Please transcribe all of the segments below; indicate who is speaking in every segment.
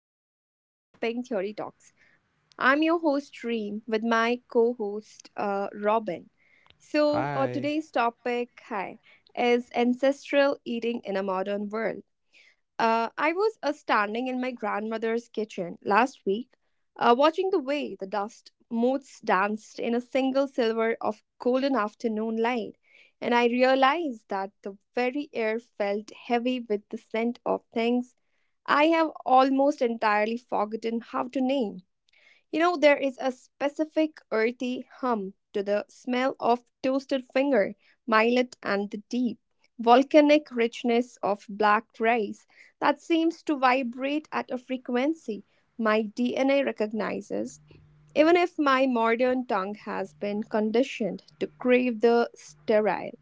Speaker 1: welcome to the Pink Theory Talks. I'm your host, Reem, with my co host, Robin. So,
Speaker 2: Hi.
Speaker 1: today's topic hi, is ancestral eating in a modern world. I was standing in my grandmother's kitchen last week, watching the way the dust motes danced in a single silver of golden afternoon light, and I realized that the very air felt heavy with the scent of things I have almost entirely forgotten how to name. You know, there is a specific earthy hum to the smell of toasted finger, millet, and the deep volcanic richness of black rice that seems to vibrate at a frequency my DNA recognizes, even if my modern tongue has been conditioned to crave the sterile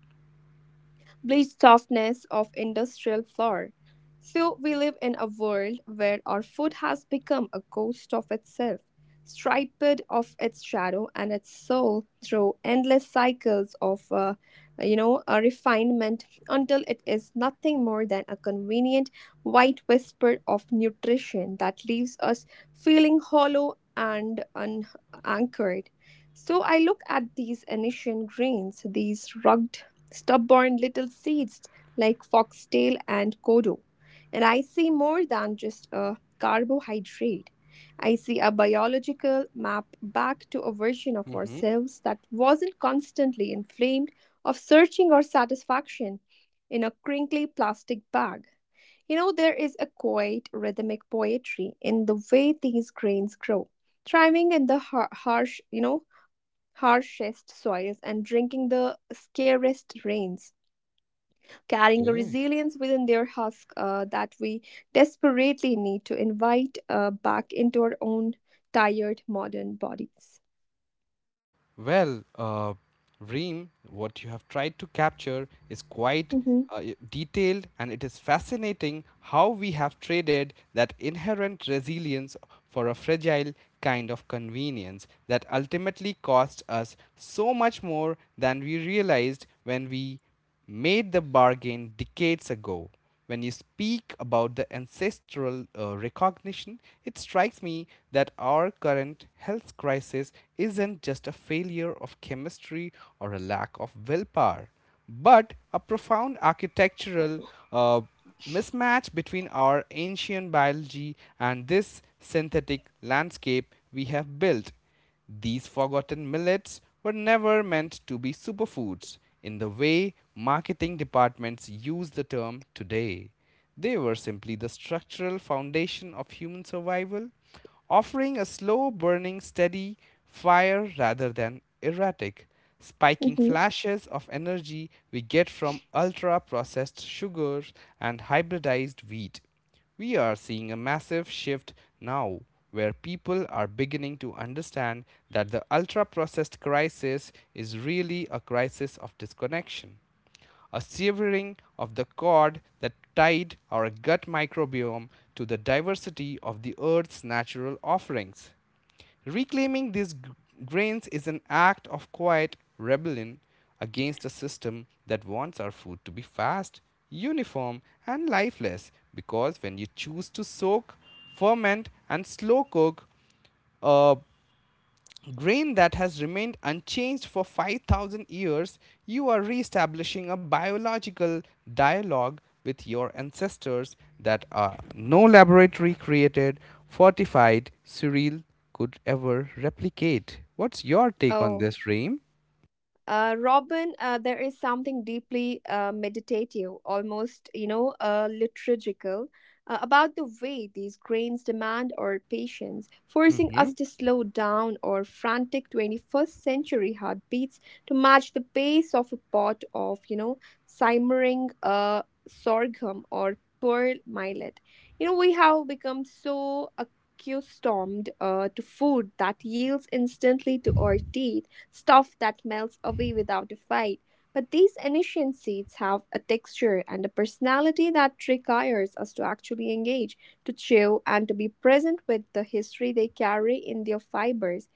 Speaker 1: bleached softness of industrial flour. So we live in a world where our food has become a ghost of itself, striped of its shadow and its soul through endless cycles of a refinement until it is nothing more than a convenient white whisper of nutrition that leaves us feeling hollow and unanchored. So I look at these ancient grains, these rugged stubborn little seeds like foxtail and kodo. And I see more than just a carbohydrate. I see a biological map back to a version of
Speaker 2: Hmm.
Speaker 1: ourselves that wasn't constantly inflamed of searching or satisfaction in a crinkly plastic bag. You know, there is a quiet rhythmic poetry in the way these grains grow, thriving in the harsh, harshest soils and drinking the scarcest rains carrying a
Speaker 2: Okay.
Speaker 1: resilience within their husk that we desperately need to invite back into our own tired modern bodies.
Speaker 2: Well, uh, Reem, what you have tried to capture is quite
Speaker 1: Hmm.
Speaker 2: detailed, and it is fascinating how we have traded that inherent resilience for a fragile kind of convenience that ultimately cost us so much more than we realized when we made the bargain decades ago. When you speak about the ancestral recognition, it strikes me that our current health crisis isn't just a failure of chemistry or a lack of willpower, but a profound architectural uh, mismatch between our ancient biology and this synthetic landscape we have built. These forgotten millets were never meant to be superfoods in the way marketing departments use the term today. They were simply the structural foundation of human survival, offering a slow burning, steady fire rather than erratic, spiking
Speaker 1: Hmm.
Speaker 2: flashes of energy we get from ultra processed sugars and hybridized wheat. We are seeing a massive shift now where people are beginning to understand that the ultra processed crisis is really a crisis of disconnection, a severing of the cord that tied our gut microbiome to the diversity of the earth's natural offerings. Reclaiming these grains is an act of quiet rebellion against a system that wants our food to be fast, uniform, and lifeless. Because when you choose to soak, ferment, and slow cook a grain that has remained unchanged for 5,000 years, you are re-establishing a biological dialogue with your ancestors that no laboratory created, fortified cereal could ever replicate. What's your take on
Speaker 1: Oh,
Speaker 2: this, Reem?
Speaker 1: uh, Robin, there is something deeply meditative, almost, liturgical, about the way these grains demand our patience, forcing
Speaker 2: Mm-hmm.
Speaker 1: us to slow down our frantic 21st century heartbeats to match the pace of a pot of, you know, simmering sorghum or pearl millet. You know, we have become so accustomed to food that yields instantly to our teeth stuff that melts away without a fight. But these ancient seeds have a texture and a personality that requires us to actually engage, to chew, and to be present with the history they carry in their fibers.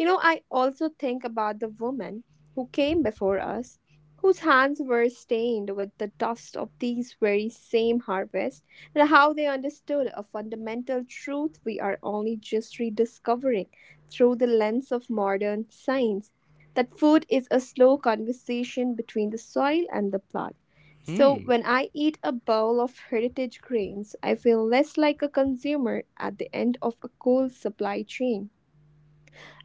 Speaker 1: You know, I also think about the woman who came before us, whose hands were stained with the dust of these very same harvests, and how they understood a fundamental truth we are only just rediscovering through the lens of modern science that food is a slow conversation between the soil and the plant. So,
Speaker 2: Hmm.
Speaker 1: when I eat a bowl of heritage grains, I feel less like a consumer at the end of a cold supply chain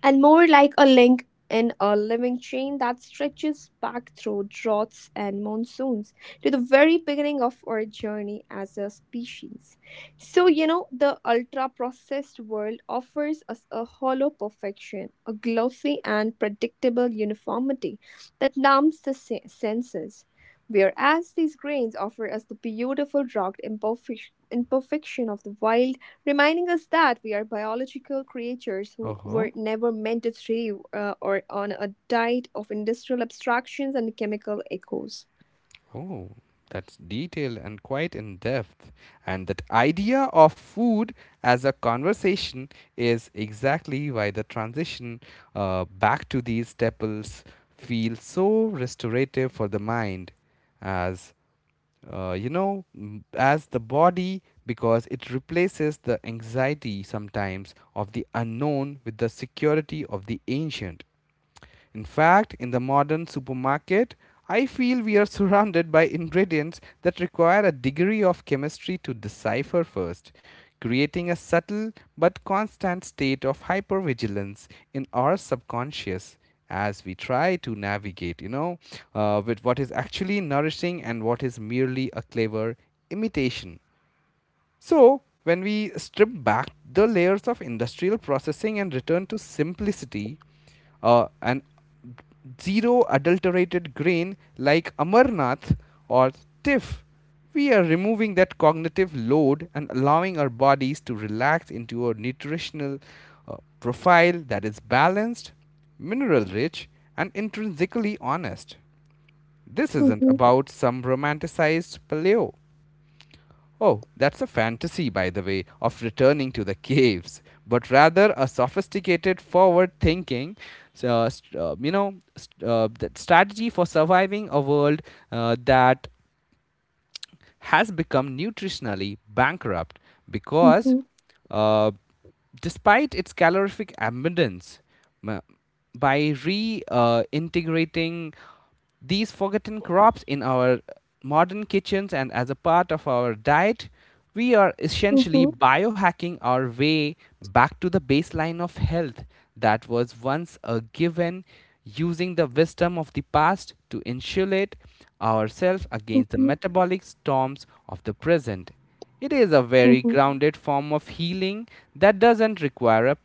Speaker 1: and more like a link in a living chain that stretches back through droughts and monsoons to the very beginning of our journey as a species. So, you know, the ultra processed world offers us a hollow perfection, a glossy and predictable uniformity that numbs the senses. Whereas these grains offer us the beautiful rugged imperfection of the wild reminding us that we are biological creatures who were
Speaker 2: Uh-huh.
Speaker 1: never meant to thrive or on a diet of industrial abstractions and chemical echoes.
Speaker 2: Oh, that's detailed and quite in depth. And that idea of food as a conversation is exactly why the transition back to these staples feels so restorative for the mind, as as the body, because it replaces the anxiety sometimes of the unknown with the security of the ancient. In fact, in the modern supermarket, I feel we are surrounded by ingredients that require a degree of chemistry to decipher first, creating a subtle but constant state of hypervigilance in our subconscious as we try to navigate, with what is actually nourishing and what is merely a clever imitation. So, when we strip back the layers of industrial processing and return to simplicity, an zero adulterated grain like Amarnath or TIFF, we are removing that cognitive load and allowing our bodies to relax into a nutritional profile that is balanced, mineral rich, and intrinsically honest. This isn't
Speaker 1: Mhm.
Speaker 2: about some romanticized paleo. Oh, that's a fantasy, by the way, of returning to the caves, but rather a sophisticated, forward thinking, so, st- you know, st- that strategy for surviving a world that has become nutritionally bankrupt because,
Speaker 1: Mhm,
Speaker 2: uh, despite its calorific abundance, ma- by reintegrating these forgotten crops in our modern kitchens and as a part of our diet, we are essentially
Speaker 1: mhm,
Speaker 2: biohacking our way back to the baseline of health that was once a given, using the wisdom of the past to insulate ourselves against the
Speaker 1: mhm,
Speaker 2: metabolic storms of the present. It is a very
Speaker 1: mhm.
Speaker 2: grounded form of healing that doesn't require a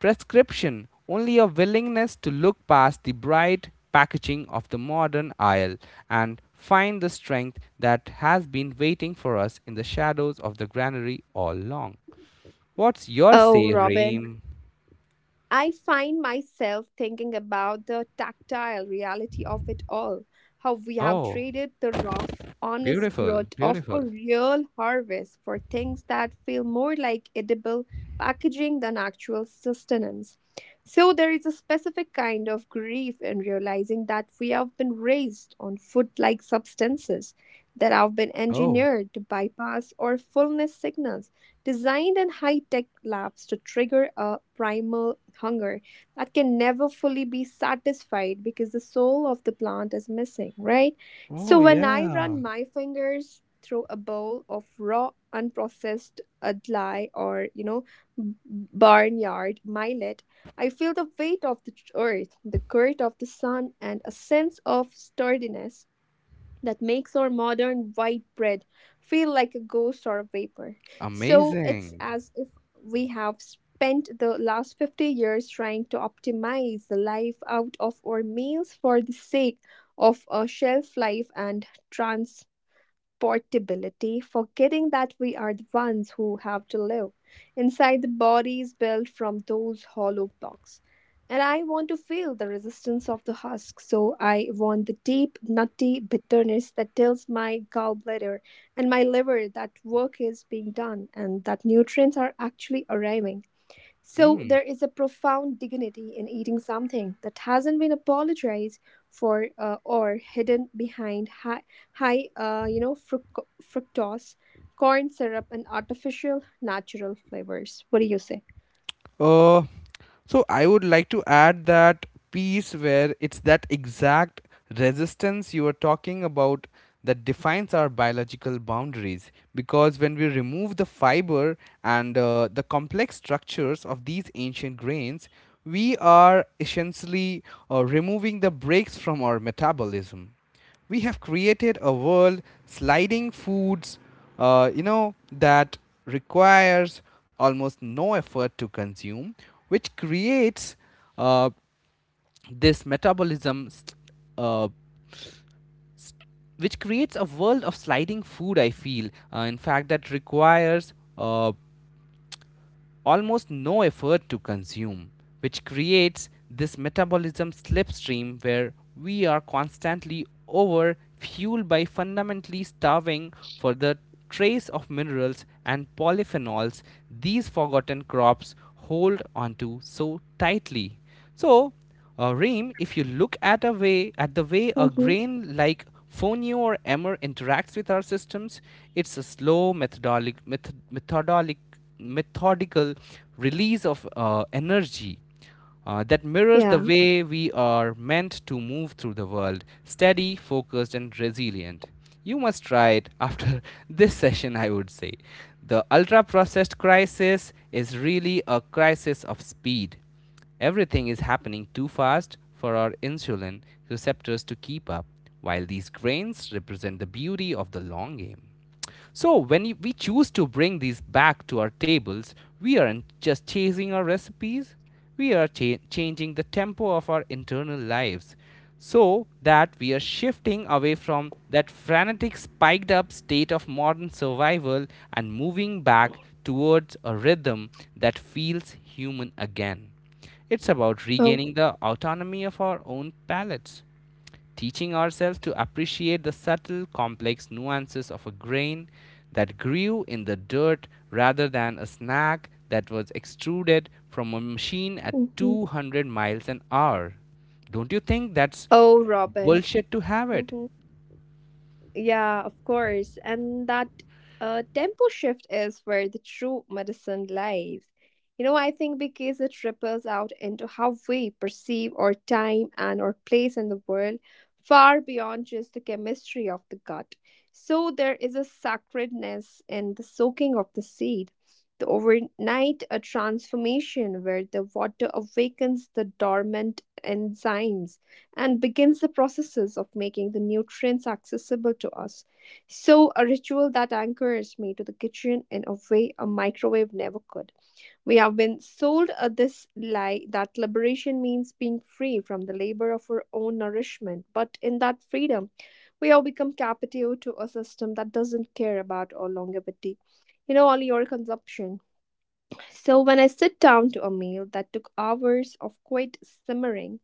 Speaker 2: Prescription only a willingness to look past the bright packaging of the modern aisle and find the strength that has been waiting for us in the shadows of the granary all along. What's your
Speaker 1: Oh,
Speaker 2: say,
Speaker 1: Robin,
Speaker 2: Reem?
Speaker 1: I find myself thinking about the tactile reality of it all, how we have
Speaker 2: Oh,
Speaker 1: traded the rough, honest
Speaker 2: beautiful,
Speaker 1: growth of a
Speaker 2: beautiful.
Speaker 1: real harvest for things that feel more like edible packaging than actual sustenance. So, there is a specific kind of grief in realizing that we have been raised on food like substances that have been
Speaker 2: Oh,
Speaker 1: engineered to bypass our fullness signals designed in high tech labs to trigger a primal hunger that can never fully be satisfied because the soul of the plant is missing, right? So
Speaker 2: oh,
Speaker 1: when I
Speaker 2: yeah.
Speaker 1: run my fingers through a bowl of raw, unprocessed adlai or, you know, barnyard millet, I feel the weight of the earth, the current of the sun, and a sense of sturdiness that makes our modern white bread feel like a ghost or a vapor. So it's
Speaker 2: Amazing.
Speaker 1: as if we have spent the last 50 years trying to optimize the life out of our meals for the sake of a shelf life and trans portability, forgetting that we are the ones who have to live inside the bodies built from those hollow blocks. And I want to feel the resistance of the husk, so I want the deep, nutty bitterness that tells my gallbladder and my liver that work is being done and that nutrients are actually arriving. So
Speaker 2: Hmm.
Speaker 1: there is a profound dignity in eating something that hasn't been apologized for or hidden behind high fructose, corn syrup, and artificial natural flavors. What do you say?
Speaker 2: Uh, so I would like to add that piece where it's that exact resistance you were talking about that defines our biological boundaries because when we remove the fiber and the complex structures of these ancient grains we are essentially removing the brakes from our metabolism we have created a world sliding foods that requires almost no effort to consume which creates uh, this metabolism st- uh, which creates a world of sliding food I feel in fact that requires almost no effort to consume, which creates this metabolism slipstream where we are constantly over fueled by fundamentally starving for the trace of minerals and polyphenols these forgotten crops hold onto so tightly. So, Reem, if you look at a way at the way a
Speaker 1: Mm-hmm.
Speaker 2: grain like fonio or emmer interacts with our systems, it's a slow methodolic method, methodolic methodical release of energy that mirrors the
Speaker 1: Yeah.
Speaker 2: way we are meant to move through the world steady, focused, and resilient. You must try it after this session, I would say. The ultra processed crisis is really a crisis of speed. Everything is happening too fast for our insulin receptors to keep up, while these grains represent the beauty of the long game. So we choose to bring these back to our tables, we aren't just chasing our recipes, we are changing the tempo of our internal lives so that we are shifting away from that frantic spiked up state of modern survival and moving back towards a rhythm that feels human again. It's about
Speaker 1: Oh.
Speaker 2: regaining the autonomy of our own palates, teaching ourselves to appreciate the subtle, complex nuances of a grain that grew in the dirt rather than a snack that was extruded from a machine at
Speaker 1: Mm-hmm.
Speaker 2: 200 miles an hour. Don't you think that's
Speaker 1: Oh, Robin.
Speaker 2: bullshit to have it?
Speaker 1: Mm-hmm. Yeah, of course. And that tempo shift is where the true medicine lies. You know, I think because it ripples out into how we perceive our time and our place in the world far beyond just the chemistry of the gut. So there is a sacredness in the soaking of the seed, the overnight a transformation where the water awakens the dormant enzymes and begins the processes of making the nutrients accessible to us. So, a ritual that anchors me to the kitchen in a way a microwave never could. We have been sold this lie that liberation means being free from the labor of our own nourishment, but in that freedom, we have become captive to a system that doesn't care about our longevity. You know, all your consumption. So, when I sit down to a meal that took hours of quiet simmering,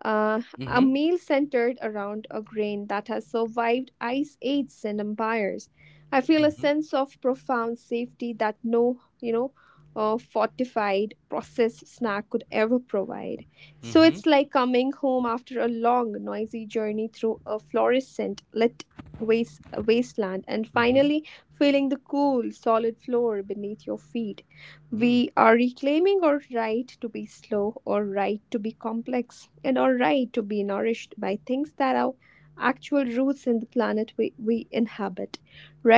Speaker 1: a
Speaker 2: Mm-hmm.
Speaker 1: meal centered around a grain that has survived ice ages and empires. I feel a
Speaker 2: Mm-hmm.
Speaker 1: sense of profound safety that no, fortified processed snack could ever provide. So
Speaker 2: Mm-hmm.
Speaker 1: it's like coming home after a long, noisy journey through a fluorescent lit wasteland and
Speaker 2: Mm-hmm.
Speaker 1: finally feeling the cool, solid floor beneath your feet.
Speaker 2: Mm.
Speaker 1: We are reclaiming our right to be slow, our right to be complex, and our right to be nourished by things that are actual roots in the planet we inhabit,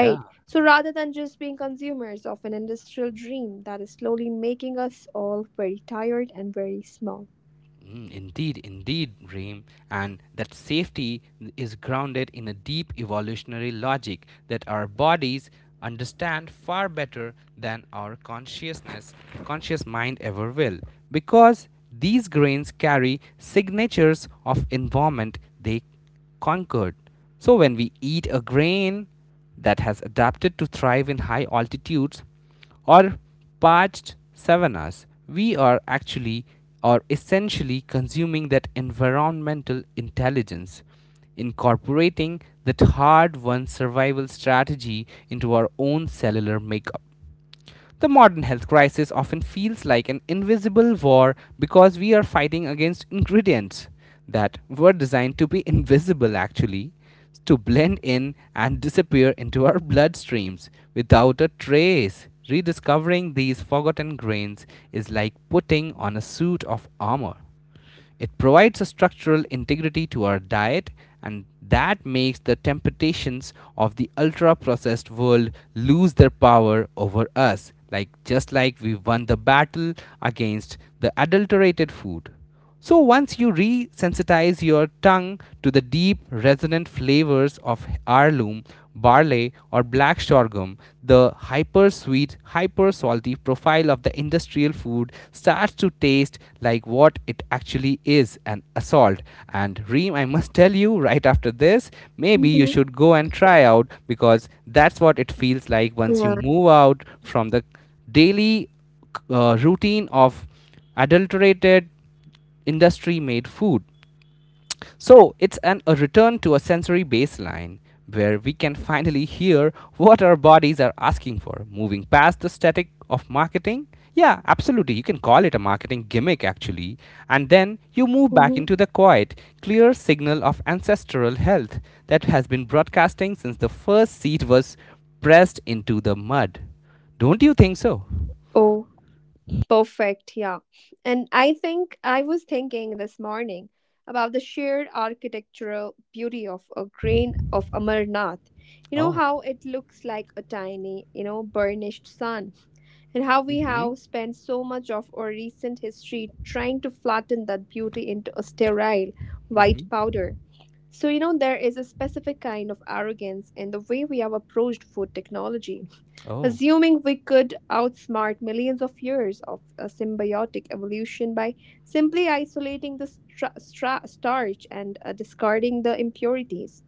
Speaker 2: Yeah.
Speaker 1: So rather than just being consumers of an industrial dream that is slowly making us all very tired and very small.
Speaker 2: Mm. Indeed, indeed, Reem, and that safety is grounded in a deep evolutionary logic that our bodies understand far better than our conscious mind ever will, because these grains carry signatures of environment they conquered. So, when we eat a grain that has adapted to thrive in high altitudes or parched savannas, we are actually or essentially consuming that environmental intelligence, incorporating that hard won survival strategy into our own cellular makeup. The modern health crisis often feels like an invisible war because we are fighting against ingredients that were designed to be invisible, actually, to blend in and disappear into our bloodstreams without a trace. Rediscovering these forgotten grains is like putting on a suit of armor. It provides a structural integrity to our diet, and that makes the temptations of the ultra processed world lose their power over us, like just like we won the battle against the adulterated food. So once you resensitize your tongue to the deep resonant flavors of heirloom, barley or black sorghum, the hyper sweet, hyper salty profile of the industrial food starts to taste like what it actually is an assault. And Reem, I must tell you right after this, maybe you
Speaker 1: Mhm.
Speaker 2: should go and try out because that's what it feels like once you
Speaker 1: Yeah.
Speaker 2: move out from the daily routine of adulterated industry made food. So it's a return to a sensory baseline where we can finally hear what our bodies are asking for, moving past the static of marketing. Yeah, absolutely. You can call it a marketing gimmick, actually. And then you move back
Speaker 1: Mhm.
Speaker 2: into the quiet, clear signal of ancestral health that has been broadcasting since the first seed was pressed into the mud. Don't you think so?
Speaker 1: Oh, perfect. Yeah. And I think I was thinking this morning about the sheer architectural beauty of a grain of Amarnath. You know
Speaker 2: Oh.
Speaker 1: how it looks like a tiny, you know, burnished sun, and how we
Speaker 2: Mm-hmm.
Speaker 1: have spent so much of our recent history trying to flatten that beauty into a sterile white
Speaker 2: Mm-hmm.
Speaker 1: powder. So, you know, there is a specific kind of arrogance in the way we have approached food technology,
Speaker 2: Oh,
Speaker 1: assuming we could outsmart millions of years of a symbiotic evolution by simply isolating the starch and discarding the impurities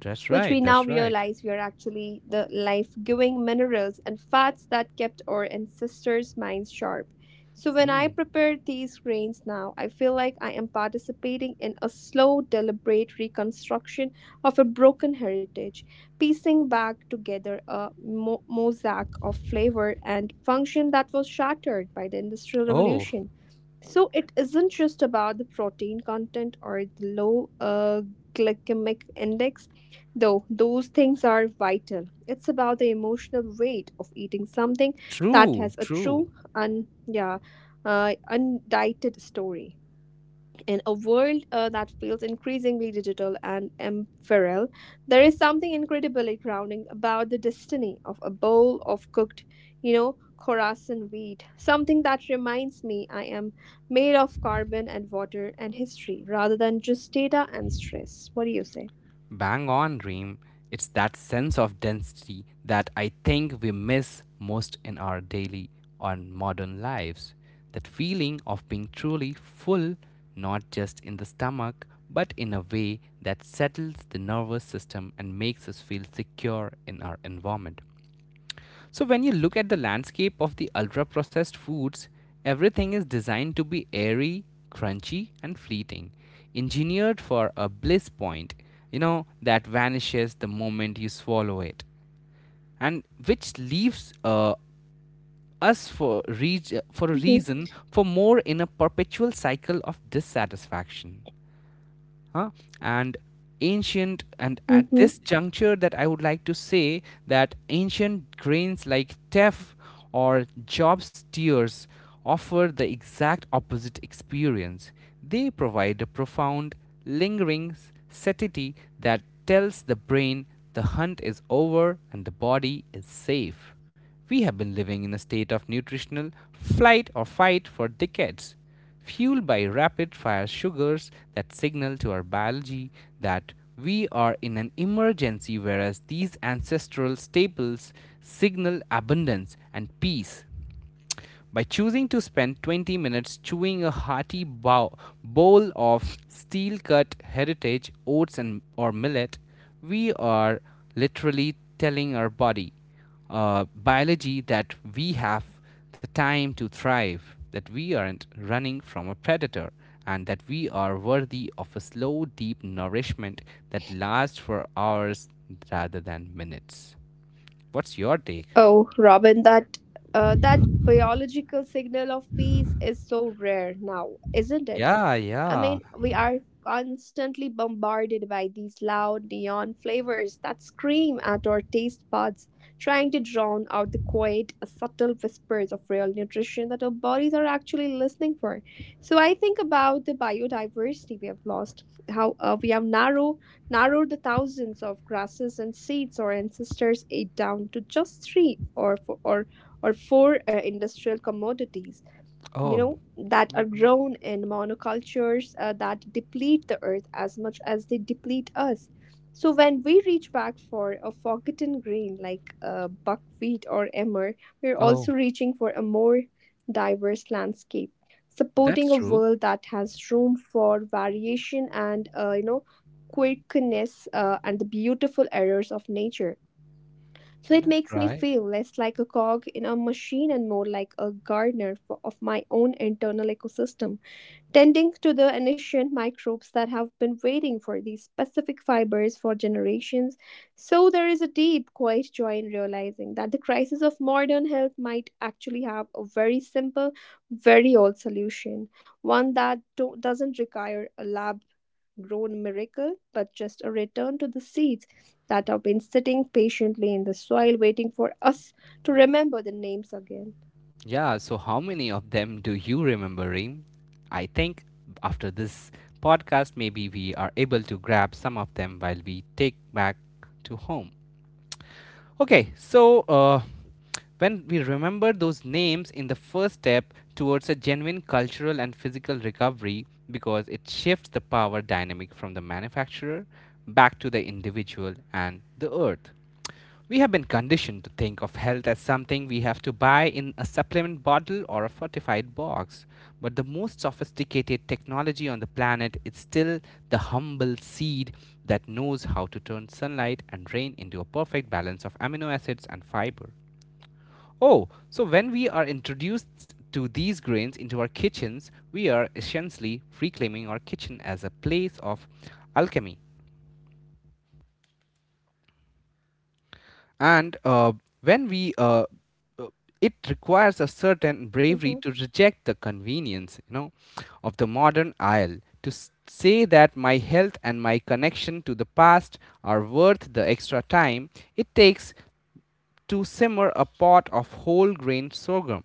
Speaker 2: that's
Speaker 1: which
Speaker 2: right.
Speaker 1: we now
Speaker 2: That's right.
Speaker 1: realize were actually the life giving minerals and fats that kept our ancestors' minds sharp. So, when I
Speaker 2: Mm.
Speaker 1: prepare these grains now, I feel like I am participating in a slow, deliberate reconstruction of a broken heritage, piecing back together a mosaic of flavor and function that was shattered by the Industrial
Speaker 2: Oh.
Speaker 1: Revolution. So it isn't just about the protein content or the low glycemic index, though those things are vital. It's about the emotional weight of eating something that
Speaker 2: True,
Speaker 1: has a
Speaker 2: true.
Speaker 1: true and undieted story. In a world that feels increasingly digital and ephemeral, there is something incredibly grounding about the destiny of a bowl of cooked, you know, Khorasan wheat. Something that reminds me I am made of carbon and water and history rather than just data and stress. What do you say?
Speaker 2: Bang on, Reem. It's that sense of density that I think we miss most in our daily or modern lives. That feeling of being truly full, not just in the stomach, but in a way that settles the nervous system and makes us feel secure in our environment. So, when you look at the landscape of the ultra processed foods, everything is designed to be airy, crunchy, and fleeting, engineered for a bliss point, you know, that vanishes the moment you swallow it, and which leaves us for, for a
Speaker 1: Mm-hmm.
Speaker 2: reason for more in a perpetual cycle of dissatisfaction huh? And ancient and at
Speaker 1: Mm-hmm.
Speaker 2: this juncture that I would like to say that ancient grains like teff or job's tears offer the exact opposite experience. They provide a profound lingering satiety that tells the brain the hunt is over and the body is safe. We have been living in a state of nutritional flight or fight for decades, fueled by rapid fire sugars that signal to our biology that we are in an emergency, whereas these ancestral staples signal abundance and peace. By choosing to spend 20 minutes chewing a bowl of steel cut heritage oats and or millet, we are literally telling our biology, that we have the time to thrive, that we aren't running from a predator, and that we are worthy of a slow, deep nourishment that lasts for hours rather than minutes. What's your take?
Speaker 1: Oh, Robin, that biological signal of peace is so rare now, isn't it?
Speaker 2: Yeah,
Speaker 1: I
Speaker 2: yeah.
Speaker 1: mean, we are constantly bombarded by these loud neon flavors that scream at our taste buds, trying to drown out the quiet, subtle whispers of real nutrition that our bodies are actually listening for. So I think about the biodiversity we have lost, how narrowed the thousands of grasses and seeds our ancestors ate down to just three or four, or four industrial commodities you
Speaker 2: Oh,
Speaker 1: know, that are grown in monocultures that deplete the earth as much as they deplete us. So when we reach back for a forgotten grain like buckwheat or emmer, we're also
Speaker 2: oh.
Speaker 1: reaching for a more diverse landscape,
Speaker 2: That's
Speaker 1: supporting a
Speaker 2: true.
Speaker 1: world that has room for variation and quirkiness and the beautiful errors of nature. So it
Speaker 2: That's
Speaker 1: makes me
Speaker 2: right.
Speaker 1: feel less like a cog in a machine and more like a gardener of my own internal ecosystem, tending to the ancient microbes that have been waiting for these specific fibers for generations. So there is a deep, quiet joy in realizing that the crisis of modern health might actually have a very simple, very old solution, one that doesn't require a lab grown miracle, but just a return to the seeds that have been sitting patiently in the soil, waiting for us to remember the names again.
Speaker 2: Yeah, so how many of them do you remember, Reem? I think after this podcast, maybe we are able to grab some of them while we take back to home. Okay, so uh, when we remember those names in the first step towards a genuine cultural and physical recovery, because it shifts the power dynamic from the manufacturer back to the individual and the earth. We have been conditioned to think of health as something we have to buy in a supplement bottle or a fortified box. But the most sophisticated technology on the planet is still the humble seed that knows how to turn sunlight and rain into a perfect balance of amino acids and fiber. Oh, so when we are introduced to these grains into our kitchens, we are essentially reclaiming our kitchen as a place of alchemy. And when we uh, it requires a certain bravery
Speaker 1: Hmm.
Speaker 2: to reject the convenience of the modern aisle. To say that my health and my connection to the past are worth the extra time it takes to simmer a pot of whole grain sorghum.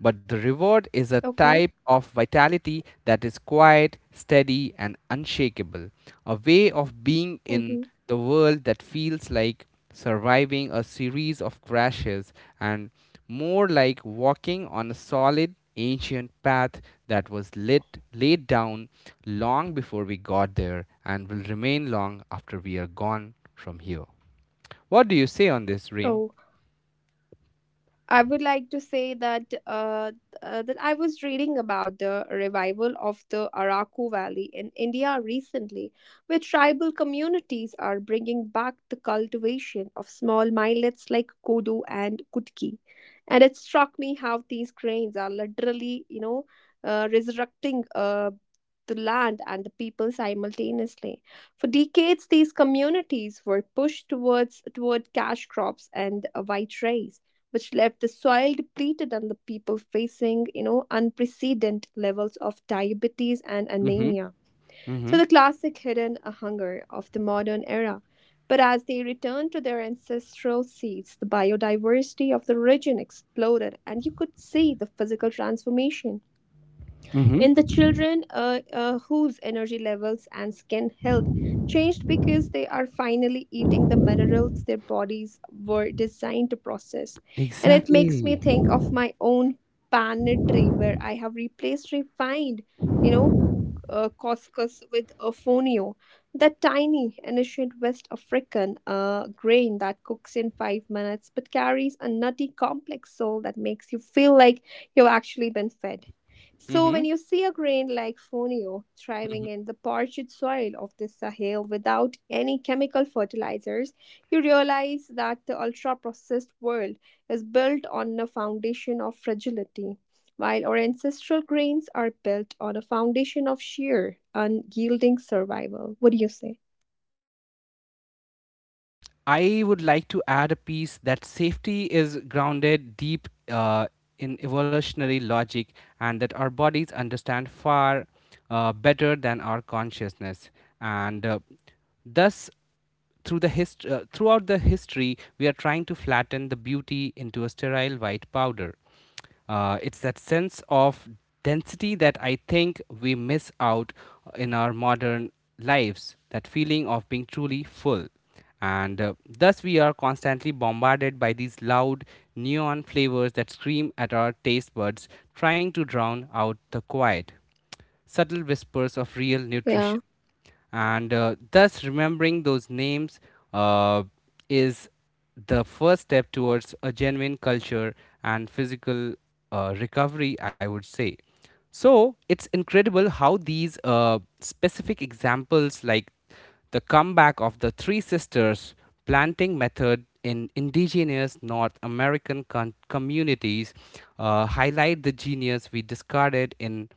Speaker 2: But the reward is a
Speaker 1: Okay.
Speaker 2: type of vitality that is quiet, steady, and unshakable, a way of being in
Speaker 1: Hmm.
Speaker 2: the world that feels like surviving a series of crashes and more like walking on a solid ancient path that was lit, laid down long before we got there and will remain long after we are gone from here. What do you say on this, Reem?
Speaker 1: Oh, I would like to say that that I was reading about the revival of the Araku Valley in India recently, where tribal communities are bringing back the cultivation of small millets like kodo and kutki, and it struck me how these grains are literally, resurrecting the land and the people simultaneously. For decades, these communities were pushed toward cash crops and white rice which left the soil depleted and the people facing, you know, unprecedented levels of diabetes and
Speaker 2: Mm-hmm.
Speaker 1: anemia. So
Speaker 2: Mm-hmm.
Speaker 1: the classic hidden hunger of the modern era. But as they returned to their ancestral seats, the biodiversity of the region exploded, and you could see the physical transformation
Speaker 2: Mm-hmm.
Speaker 1: in the children, whose energy levels and skin health changed because they are finally eating the minerals their bodies were designed to process. And it makes me
Speaker 2: Exactly.
Speaker 1: think of my own pantry where I have replaced refined, you know, couscous with a fonio, that tiny ancient West African grain that cooks in 5 minutes but carries a nutty complex soul that makes you feel like you've actually been fed. So,
Speaker 2: Mm-hmm.
Speaker 1: when you see a grain like fonio thriving
Speaker 2: Hmm.
Speaker 1: in the parched soil of the Sahel without any chemical fertilizers, you realize that the ultra processed world is built on a foundation of fragility, while our ancestral grains are built on a foundation of sheer, unyielding survival. What do you say?
Speaker 2: I would like to add a piece that safety is grounded deep in evolutionary logic and that our bodies understand far better than our consciousness. And Thus, throughout the history, we are trying to flatten the beauty into a sterile white powder. It's that sense of density that I think we miss out in our modern lives, that feeling of being truly full. And Thus, we are constantly bombarded by these loud neon flavors that scream at our taste buds, trying to drown out the quiet, subtle whispers of real
Speaker 1: Yeah.
Speaker 2: nutrition and thus remembering those names uh, is the first step towards a genuine culture and physical recovery, I would say. So it's incredible how these specific examples like the comeback of the three sisters planting method in indigenous North American communities highlight the genius we discarded in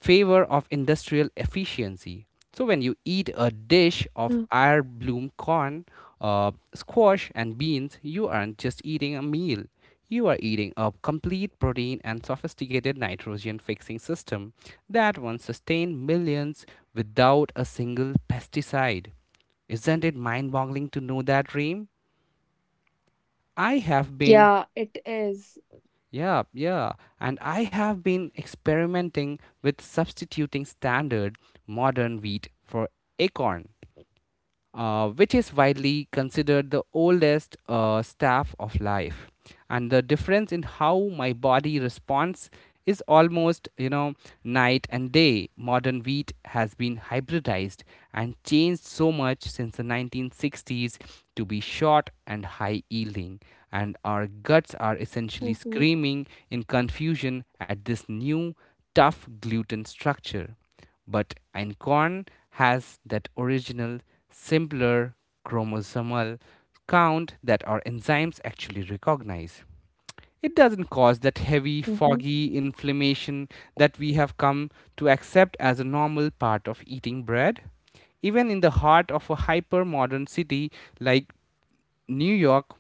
Speaker 2: favor of industrial efficiency. So when you eat a dish of
Speaker 1: Yeah,
Speaker 2: air bloom corn, squash, and beans, you aren't just eating a meal. You are eating a complete protein and sophisticated nitrogen fixing system that once sustained millions without a single pesticide. Isn't it mind boggling to know that, Reem? I have been.
Speaker 1: yeah, it is.
Speaker 2: Yeah, yeah. And I have been experimenting with substituting standard modern wheat for acorn, which is widely considered the oldest staff of life. And the difference in how my body responds is almost, you know, night and day. Modern wheat has been hybridized and changed so much since the 1960s to be short and high yielding. And our guts are essentially
Speaker 1: Mm-hmm.
Speaker 2: screaming in confusion at this new, tough gluten structure. But Ancon has that original, simpler chromosomal count that our enzymes actually recognize. It doesn't cause that heavy,
Speaker 1: Mm-hmm.
Speaker 2: foggy inflammation that we have come to accept as a normal part of eating bread. Even in the heart of a hyper modern city like New York,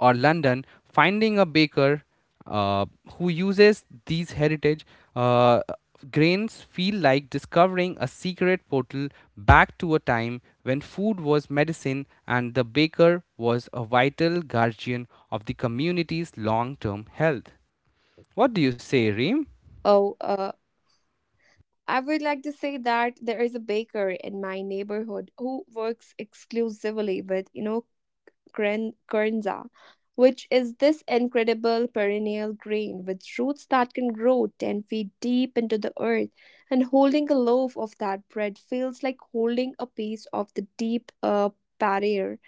Speaker 2: or London, finding a baker uh, who uses these heritage uh, grains feel like discovering a secret portal back to a time when food was medicine and the baker was a vital guardian of the community's long-term health. What do you say, Reem?
Speaker 1: Oh, I would like to say that there is a baker in my neighborhood who works exclusively with, you know, kernza, which is this incredible perennial grain with roots that can grow 10 feet deep into the earth. And holding a loaf of that bread feels like holding a piece of the deep barrier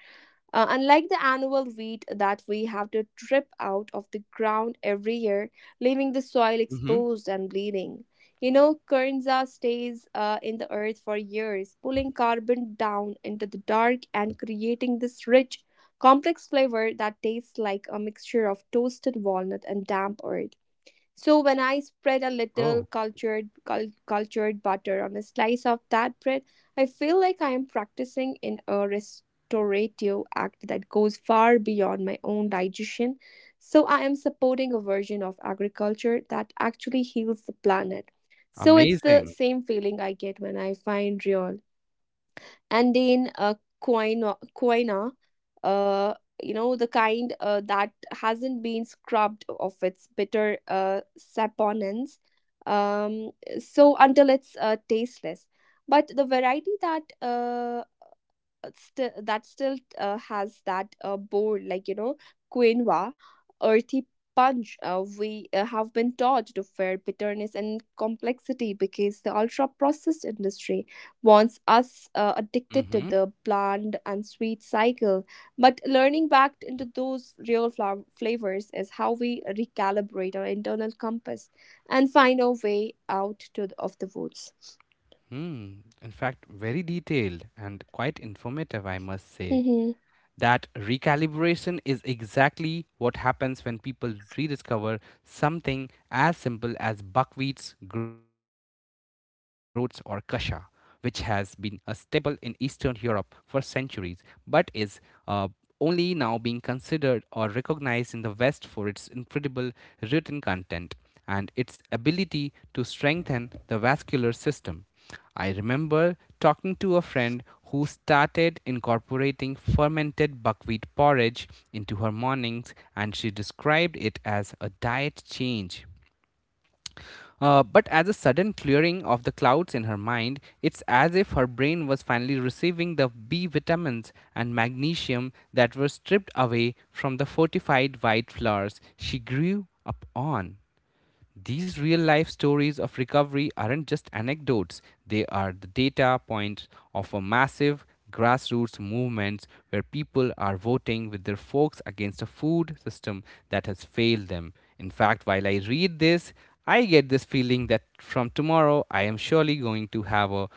Speaker 1: unlike the annual wheat that we have to trip out of the ground every year, leaving the soil
Speaker 2: Mm-hmm.
Speaker 1: exposed and bleeding. You know, Kernza stays in the earth for years, pulling carbon down into the dark and creating this rich, complex flavor that tastes like a mixture of toasted walnut and damp earth. So when I spread a little
Speaker 2: Oh,
Speaker 1: cultured butter on a slice of that bread, I feel like I am practicing in a restorative act that goes far beyond my own digestion. So I am supporting a version of agriculture that actually heals the planet. So it's the
Speaker 2: amazing.
Speaker 1: same feeling I get when I find real and then quinoa, quinoa uh, you know the kind that hasn't been scrubbed of its bitter saponins, um, until it's tasteless but the variety that still that still has that bold, like you know quinoa earthy punch. We have been taught to fear bitterness and complexity because the ultra processed industry wants us addicted to
Speaker 2: Mm-hmm.
Speaker 1: the bland and sweet cycle, but learning back into those real flavors is how we recalibrate our internal compass and find our way out of the woods.
Speaker 2: Hmm. In fact, very detailed and quite informative, I must say.
Speaker 1: Mm-hmm.
Speaker 2: That recalibration is exactly what happens when people rediscover something as simple as buckwheat's groats or kasha, which has been a staple in Eastern Europe for centuries but is uh, only now being considered or recognized in the West for its incredible written content and its ability to strengthen the vascular system. I remember talking to a friend who started incorporating fermented buckwheat porridge into her mornings, and she described it as a diet change. But as a sudden clearing of the clouds in her mind, it's as if her brain was finally receiving the B vitamins and magnesium that were stripped away from the fortified white flours she grew up on. These real life stories of recovery aren't just anecdotes, they are the data points of a massive grassroots movement where people are voting with their forks against a food system that has failed them. In fact, while I read this, I get this feeling that from tomorrow I am surely going to have a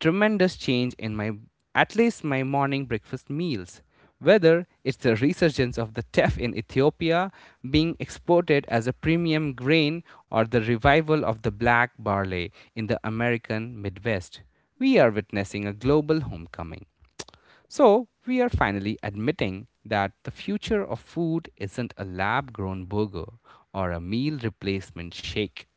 Speaker 2: tremendous change in my, at least my morning breakfast meals, whether it's the resurgence of the teff in Ethiopia being exported as a premium grain or the revival of the black barley in the American Midwest, we are witnessing a global homecoming. So, we are finally admitting that the future of food isn't a lab grown burger or a meal replacement shake,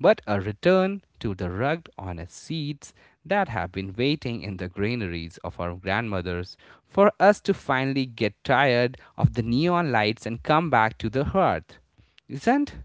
Speaker 2: but a return to the rugged, honest seeds that have been waiting in the granaries of our grandmothers for us to finally get tired of the neon lights and come back to the hearth. Isn't?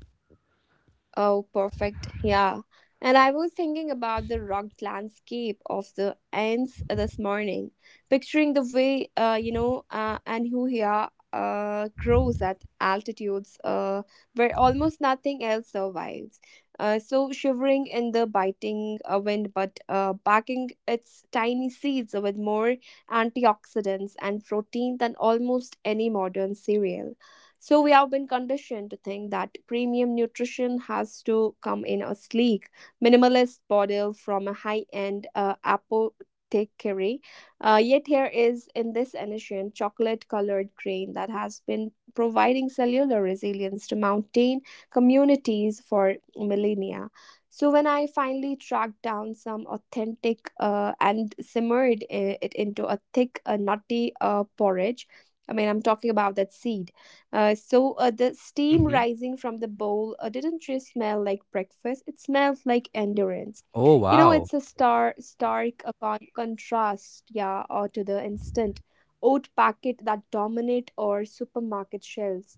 Speaker 1: Oh, perfect. Yeah. And I was thinking about the rugged landscape of the Ends this morning, picturing the way, and who here grows at altitudes where almost nothing else survives. So shivering in the biting wind, but packing its tiny seeds with more antioxidants and protein than almost any modern cereal. So we have been conditioned to think that premium nutrition has to come in a sleek, minimalist bottle from a high-end apothecary. Yet here is in this edition chocolate-colored grain that has been providing cellular resilience to mountain communities for millennia. So when I finally tracked down some authentic and simmered it into a thick, nutty porridge, I mean, I'm talking about that seed, the steam
Speaker 2: Hmm.
Speaker 1: rising from the bowl didn't just smell like breakfast; it smelled like endurance.
Speaker 2: Oh,
Speaker 1: You know,
Speaker 2: wow.
Speaker 1: it's a stark contrast, yeah, or to the instant oat packet that dominate our supermarket shelves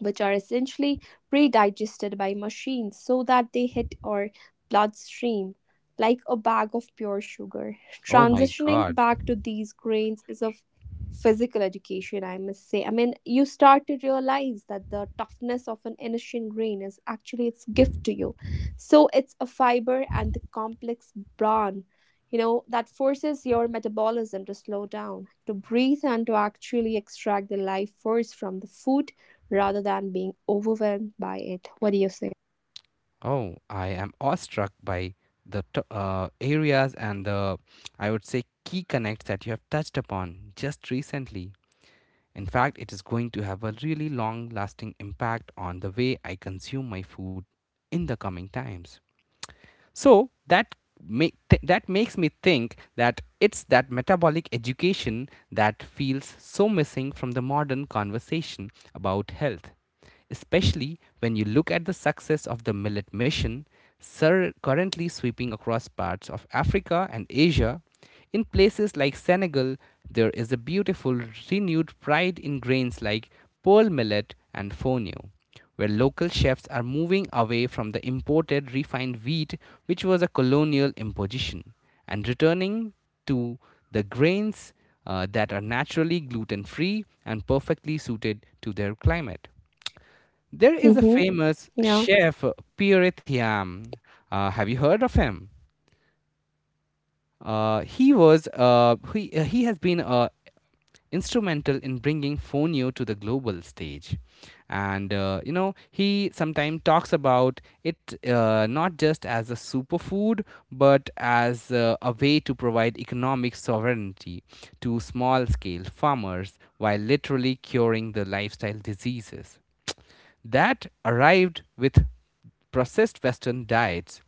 Speaker 1: which are essentially pre digested by machines so that they hit our bloodstream like a bag of pure sugar.
Speaker 2: Oh, my
Speaker 1: Transitioning
Speaker 2: God.
Speaker 1: back to these grains is of physical education, I must say. I mean, you start to realize that the toughness of an ancient grain is actually its gift to you. So, it's a fiber and the complex bran. You know, that forces your metabolism to slow down, to breathe, and to actually extract the life force from the food rather than being overwhelmed by it. What do you say?
Speaker 2: Oh, I am awestruck by the areas and the, I would say, key connects that you have touched upon just recently. In fact, it is going to have a really long lasting impact on the way I consume my food in the coming times. So, that that makes me think that it's that metabolic education that feels so missing from the modern conversation about health, especially when you look at the success of the millet mission currently sweeping across parts of Africa and Asia. In places like Senegal, there is a beautiful renewed pride in grains like pearl millet and fonio, where local chefs are moving away from the imported refined wheat, which was a colonial imposition, and returning to the grains that are naturally gluten free and perfectly suited to their climate. There is a
Speaker 1: Mm-hmm.
Speaker 2: famous
Speaker 1: Yeah.
Speaker 2: chef, Pierre Thiam. Have you heard of him? Uh, he was
Speaker 1: Yeah.
Speaker 2: uh, he, uh, he has been instrumental in bringing Fonio to the global stage, and you know he sometimes talks about it not just as a superfood but as a way to provide economic sovereignty to small-scale farmers while literally curing the lifestyle diseases that arrived with processed Western diets.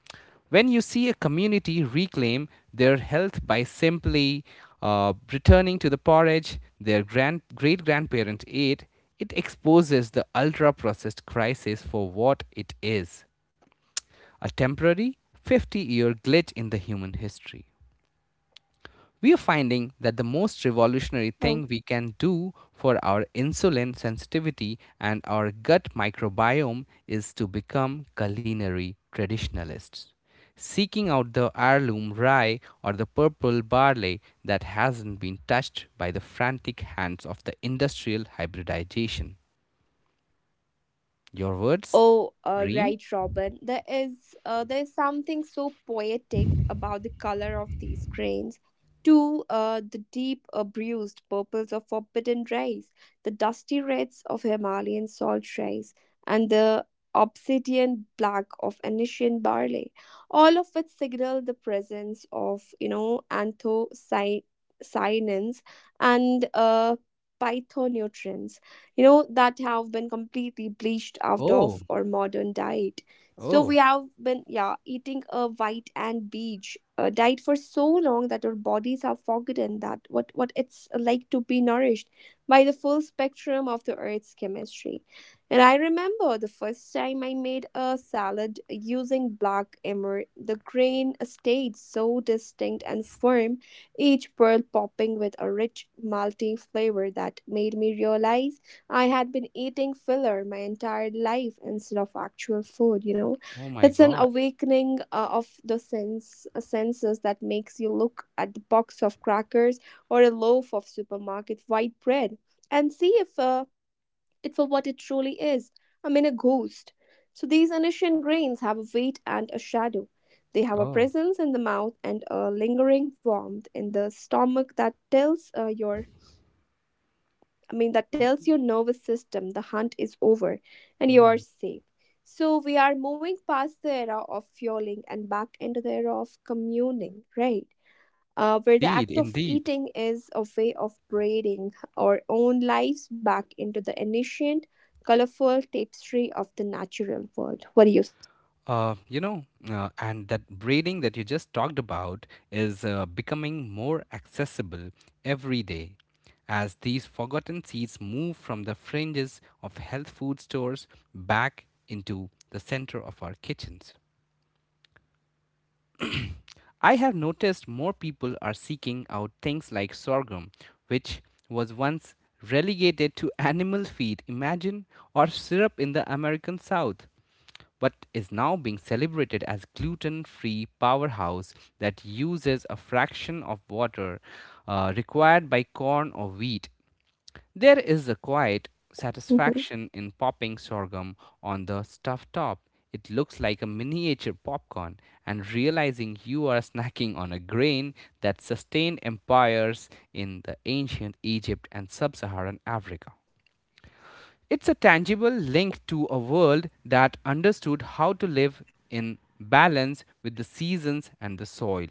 Speaker 2: When you see a community reclaim their health by simply returning to the porridge their great grandparent ate, it exposes the ultra processed crisis for what it is, a temporary 50-year glitch in the human history. We are finding that the most revolutionary
Speaker 1: Oh.
Speaker 2: thing we can do for our insulin sensitivity and our gut microbiome is to become culinary traditionalists, seeking out the heirloom rye or the purple barley that hasn't been touched by the frantic hands of the industrial hybridization. Your words,
Speaker 1: Oh,
Speaker 2: Reem?
Speaker 1: right, Robin. There is something so poetic about the color of these grains. To the deep, bruised purples of forbidden rice, the dusty reds of Himalayan salt rice, and the obsidian black of Anisian barley, all of which signal the presence of, you know, anthocyanins and phytonutrients, you know, that have been completely bleached out
Speaker 2: Oh,
Speaker 1: of our modern diet. So
Speaker 2: oh,
Speaker 1: we have been, yeah, eating a white and beige diet for so long that our bodies have forgotten that what it's like to be nourished by the full spectrum of the earth's chemistry. And I remember the first time I made a salad using black emmer, the grain stayed so distinct and firm, each pearl popping with a rich malty flavor that made me realize I had been eating filler my entire life instead of actual food, you know.
Speaker 2: oh my
Speaker 1: It's an
Speaker 2: God.
Speaker 1: awakening of the senses that makes you look at the box of crackers or a loaf of supermarket white bread and see if it for what it truly is. I mean, a ghost. So these ancient grains have a weight and a shadow. They have a
Speaker 2: Oh,
Speaker 1: presence in the mouth and a lingering warmth in the stomach that tells your I mean, that tells your nervous system the hunt is over and you are safe. So we are moving past the era of fueling and back into the era of communing, right? Where the act
Speaker 2: indeed,
Speaker 1: of
Speaker 2: indeed.
Speaker 1: eating is a way of braiding our own lives back into the ancient, colorful tapestry of the natural world. What do you say?
Speaker 2: You know, and that braiding that you just talked about is becoming more accessible every day as these forgotten seeds move from the fringes of health food stores back into the center of our kitchens. I have noticed more people are seeking out things like sorghum, which was once relegated to animal feed, imagine, or syrup in the American South, but is now being celebrated as gluten-free powerhouse that uses a fraction of water required by corn or wheat. There is a quiet satisfaction in popping sorghum on the stuffed top. It looks like a miniature popcorn, and realizing you are snacking on a grain that sustained empires in the ancient Egypt and sub Saharan Africa. It's a tangible link to a world that understood how to live in balance with the seasons and the soil.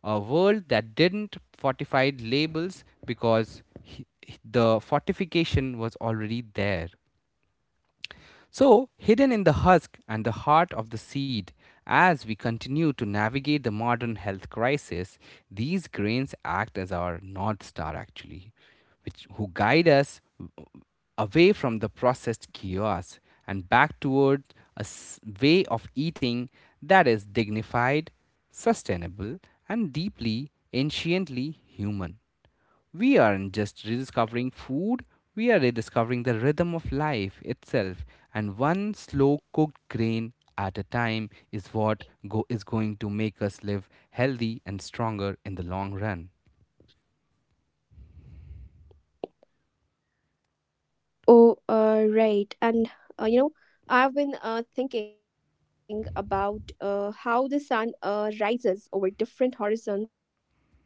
Speaker 2: A world that didn't fortify labels because the fortification was already there. So, hidden in the husk and the heart of the seed, as we continue to navigate the modern health crisis, these grains act as our North Star actually, which who guide us away from the processed chaos and back toward a way of eating that is dignified, sustainable, and deeply, anciently human. We aren't just rediscovering food, we are rediscovering the rhythm of life itself, and one slow cooked grain at a time is is going to make us live healthy and stronger in the long run.
Speaker 1: Oh, right. And you know, I've been thinking about how the sun rises over different horizons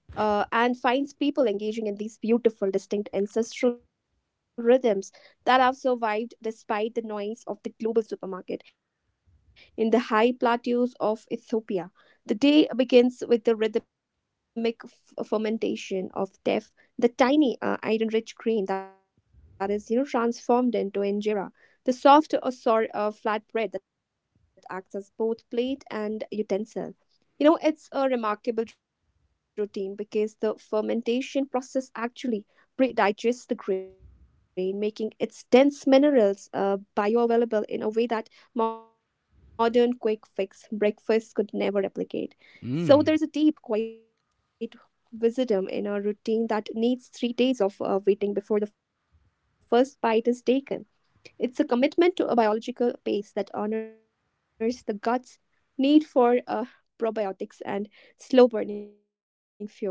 Speaker 1: and finds people engaging in these beautiful, distinct ancestral rhythms that have survived despite the noise of the global supermarket in the high plateaus of Ethiopia. The day begins with the rhythmic fermentation of teff, the tiny iron-rich grain that is, you know, transformed into injera, the soft or sour flatbread that acts as both plate and utensil. You know, it's a remarkable routine because the fermentation process actually pre digests the grain, making its dense minerals bioavailable in a way that modern quick fix breakfast could never replicate.
Speaker 2: Mm.
Speaker 1: So, there is a deep, quiet wisdom in a routine that needs 3 days of waiting before the first bite is taken. It's a commitment to a biological pace that honors the gut's need for probiotics and slow burning fuel.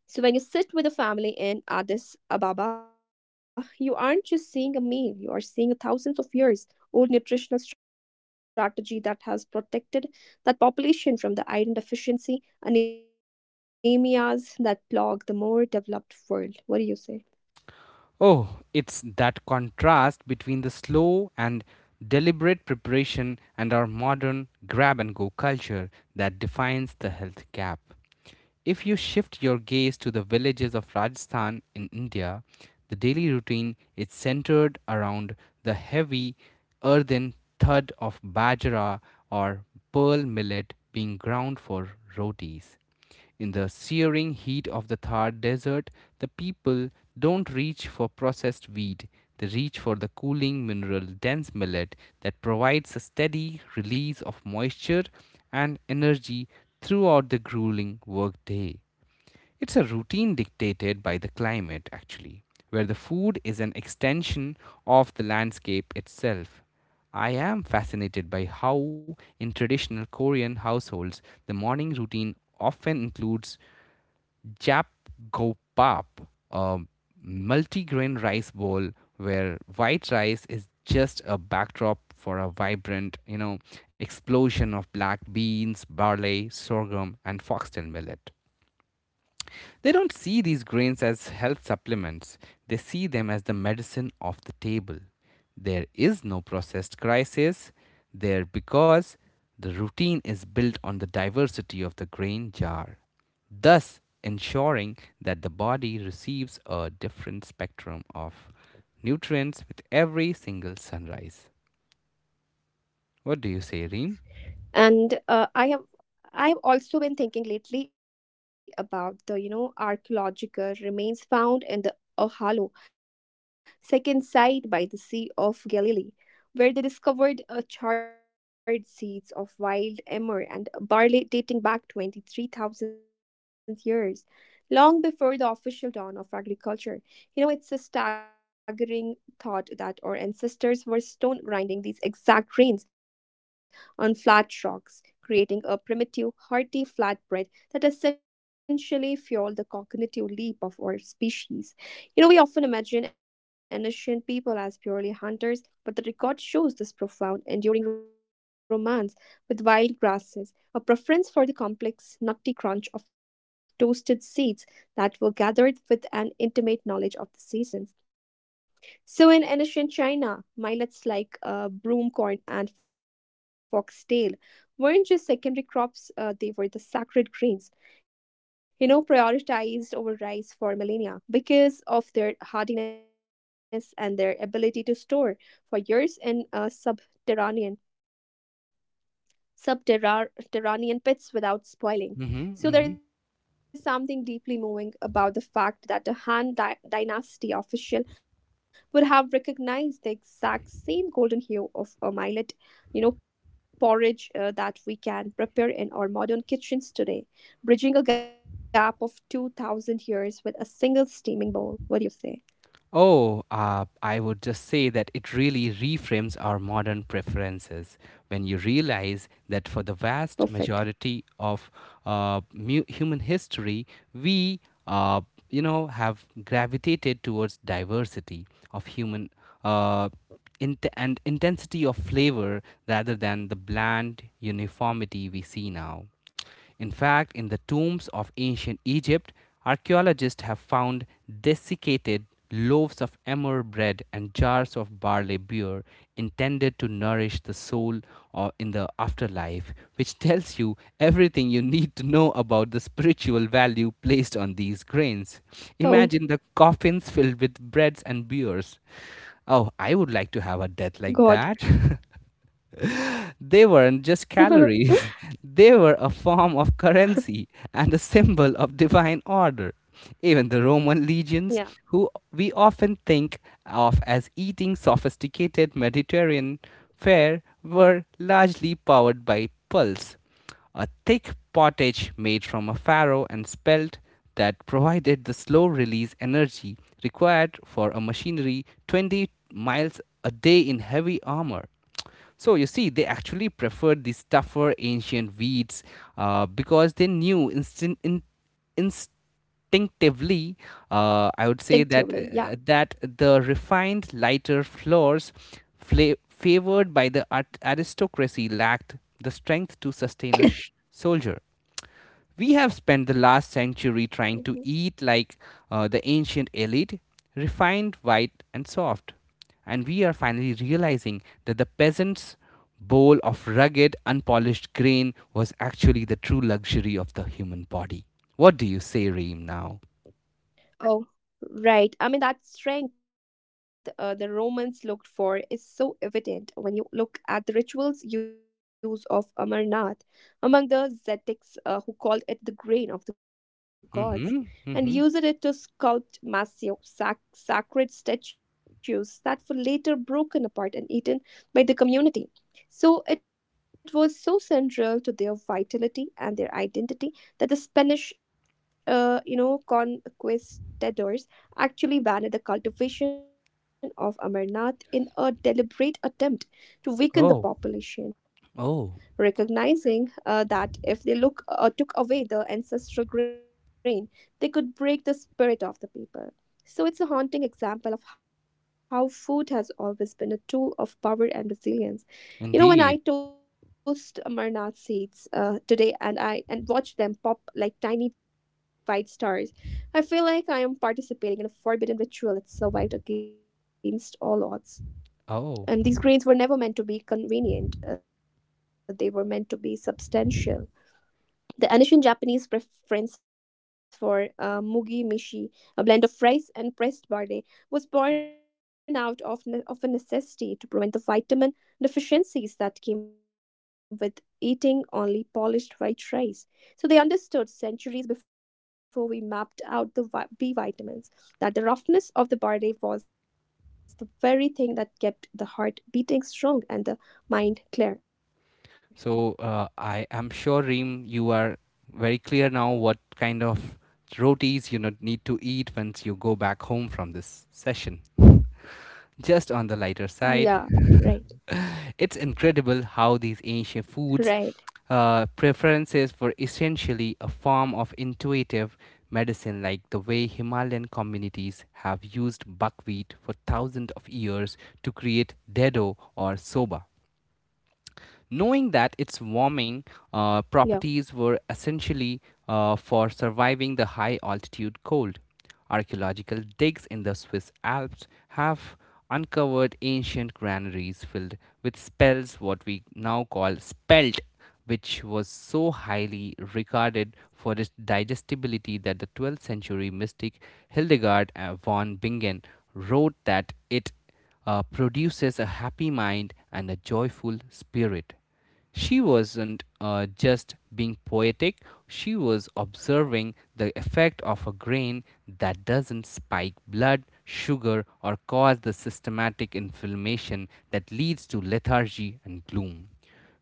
Speaker 1: So, when you sit with a family in Addis Ababa, you aren't just seeing a meal, you are seeing a thousands of years old nutritional strategy that has protected that population from the iron deficiency anemias that plague the more developed world. What do you say?
Speaker 2: Oh, it's that contrast between the slow and deliberate preparation and our modern grab and go culture that defines the health gap. If you shift your gaze to the villages of Rajasthan in India, the daily routine is centered around the heavy earthen thud of bajra or pearl millet being ground for rotis. In the searing heat of the Thar desert, the people don't reach for processed wheat, they reach for the cooling mineral dense millet that provides a steady release of moisture and energy throughout the grueling workday. It's a routine dictated by the climate, actually, where the food is an extension of the landscape itself. I am fascinated by how, in traditional Korean households, the morning routine often includes japgopap, a multigrain rice bowl where white rice is just a backdrop for a vibrant, explosion of black beans, barley, sorghum, and foxtail millet. They don't see these grains as health supplements, they see them as the medicine of the table. There is no processed crisis there because the routine is built on the diversity of the grain jar, thus ensuring that the body receives a different spectrum of nutrients with every single sunrise. What do you say, Reem?
Speaker 1: And I have also been thinking lately about the, you know, archaeological remains found in the Ohalo, second site by the Sea of Galilee, where they discovered charred seeds of wild emmer and barley dating back 23,000 years, long before the official dawn of agriculture. You know, it's a staggering thought that our ancestors were stone grinding these exact grains on flat rocks creating a primitive, hearty flatbread that essentially fueled the cognitive leap of our species. You know, we often imagine ancient people as purely hunters, but the record shows this profound, enduring romance with wild grasses, a preference for the complex, nutty crunch of toasted seeds that were gathered with an intimate knowledge of the seasons. So in ancient China, millets like broom corn and foxtail weren't just secondary crops, they were the sacred grains, you know, prioritized over rice for millennia because of their hardiness and their ability to store for years in subterranean pits without
Speaker 2: Mm-hmm,
Speaker 1: spoiling.
Speaker 2: mm-hmm.
Speaker 1: So, there is something deeply moving about the fact that a Han dynasty official would have recognized the exact same golden hue of a millet, porridge that we can prepare in our modern kitchens today, bridging a gap of 2000 years with a single steaming bowl. What do you say?
Speaker 2: Oh, I would just say that it really reframes our modern preferences when you realize that for the vast
Speaker 1: Perfect.
Speaker 2: majority of human history, we, uh, have gravitated towards diversity of human uh, and intensity of flavor rather than the bland uniformity we see now. In fact, in the tombs of ancient Egypt, archaeologists have found desiccated loaves of emmer bread and jars of barley beer intended to nourish the soul or in the afterlife, which tells you everything you need to know about the spiritual value placed on these grains. Imagine the coffins filled with breads and
Speaker 1: Oh,
Speaker 2: beers. Oh, I would like to have a death like that.
Speaker 1: God.
Speaker 2: They weren't just calories, they were a form of currency and a symbol of divine order. Even the Roman legions, who we
Speaker 1: Yeah,
Speaker 2: often think of as eating sophisticated Mediterranean fare, were largely powered by pulse, a thick pottage made from a farro and spelt that provided the slow release energy required for a machinery 20 miles a day in heavy armor. So you see, they actually preferred these tougher ancient weeds because they knew instinctively, I would say that
Speaker 1: distinctively.
Speaker 2: the
Speaker 1: Yeah.
Speaker 2: refined, lighter floors, favored by the aristocracy, lacked the strength to sustain a soldier. We have spent the last century trying to
Speaker 1: Mhm.
Speaker 2: eat like the ancient elite, refined, white, and soft. And we are finally realizing that the peasant's bowl of rugged, unpolished grain was actually the true luxury of the human body. What do you say, Reem, now?
Speaker 1: Oh, right. I mean, that strength the Romans looked for is so evident when you look at the rituals use of Amarnath among the Zetics, who called it the grain of the
Speaker 2: Mm
Speaker 1: gods
Speaker 2: hmm. Mm
Speaker 1: and
Speaker 2: hmm.
Speaker 1: used it to sculpt massive sacred statues that were later broken apart and eaten by the community. So it was so central to their vitality and their identity that the Spanish, conquistadors actually banned the cultivation of amarnath in a deliberate attempt to
Speaker 2: Oh.
Speaker 1: weaken the population,
Speaker 2: Oh.
Speaker 1: recognizing that if they took away the ancestral grain, they could break the spirit of the people. So it's a haunting example of how food has always been a tool of power and resilience.
Speaker 2: Indeed.
Speaker 1: You know, when I toast amarnath seeds today and I and watch them pop like tiny white stars, I feel like I am participating in a forbidden ritual that survived against all odds.
Speaker 2: Oh.
Speaker 1: And these grains were never meant to be convenient, they were meant to be substantial. The ancient Japanese preference for mugi mishi, a blend of rice and pressed barley, was born out of, a necessity to prevent the vitamin deficiencies that came with eating only polished white rice. So they understood centuries before we mapped out the B vitamins that the roughness of the barley was the very thing that kept the heart beating strong and the mind clear.
Speaker 2: I am sure, Reem, you are very clear now what kind of rotis you not need to eat once you go back home from this session. Just on the lighter side,
Speaker 1: Yeah, right,
Speaker 2: it's incredible how these ancient foods'
Speaker 1: right.
Speaker 2: preferences were essentially a form of intuitive medicine, like the way Himalayan communities have used buckwheat for thousands of years to create dedo or soba, knowing that its warming
Speaker 1: Yeah.
Speaker 2: properties were essentially for surviving the high altitude cold. Archaeological digs in the Swiss Alps have uncovered ancient granaries filled with spells, what we now call spelt, which was so highly regarded for its digestibility that the 12th century mystic Hildegard von Bingen wrote that it produces a happy mind and a joyful spirit. She wasn't just being poetic, she was observing the effect of a grain that doesn't spike blood, sugar, or cause the systematic inflammation that leads to lethargy and gloom.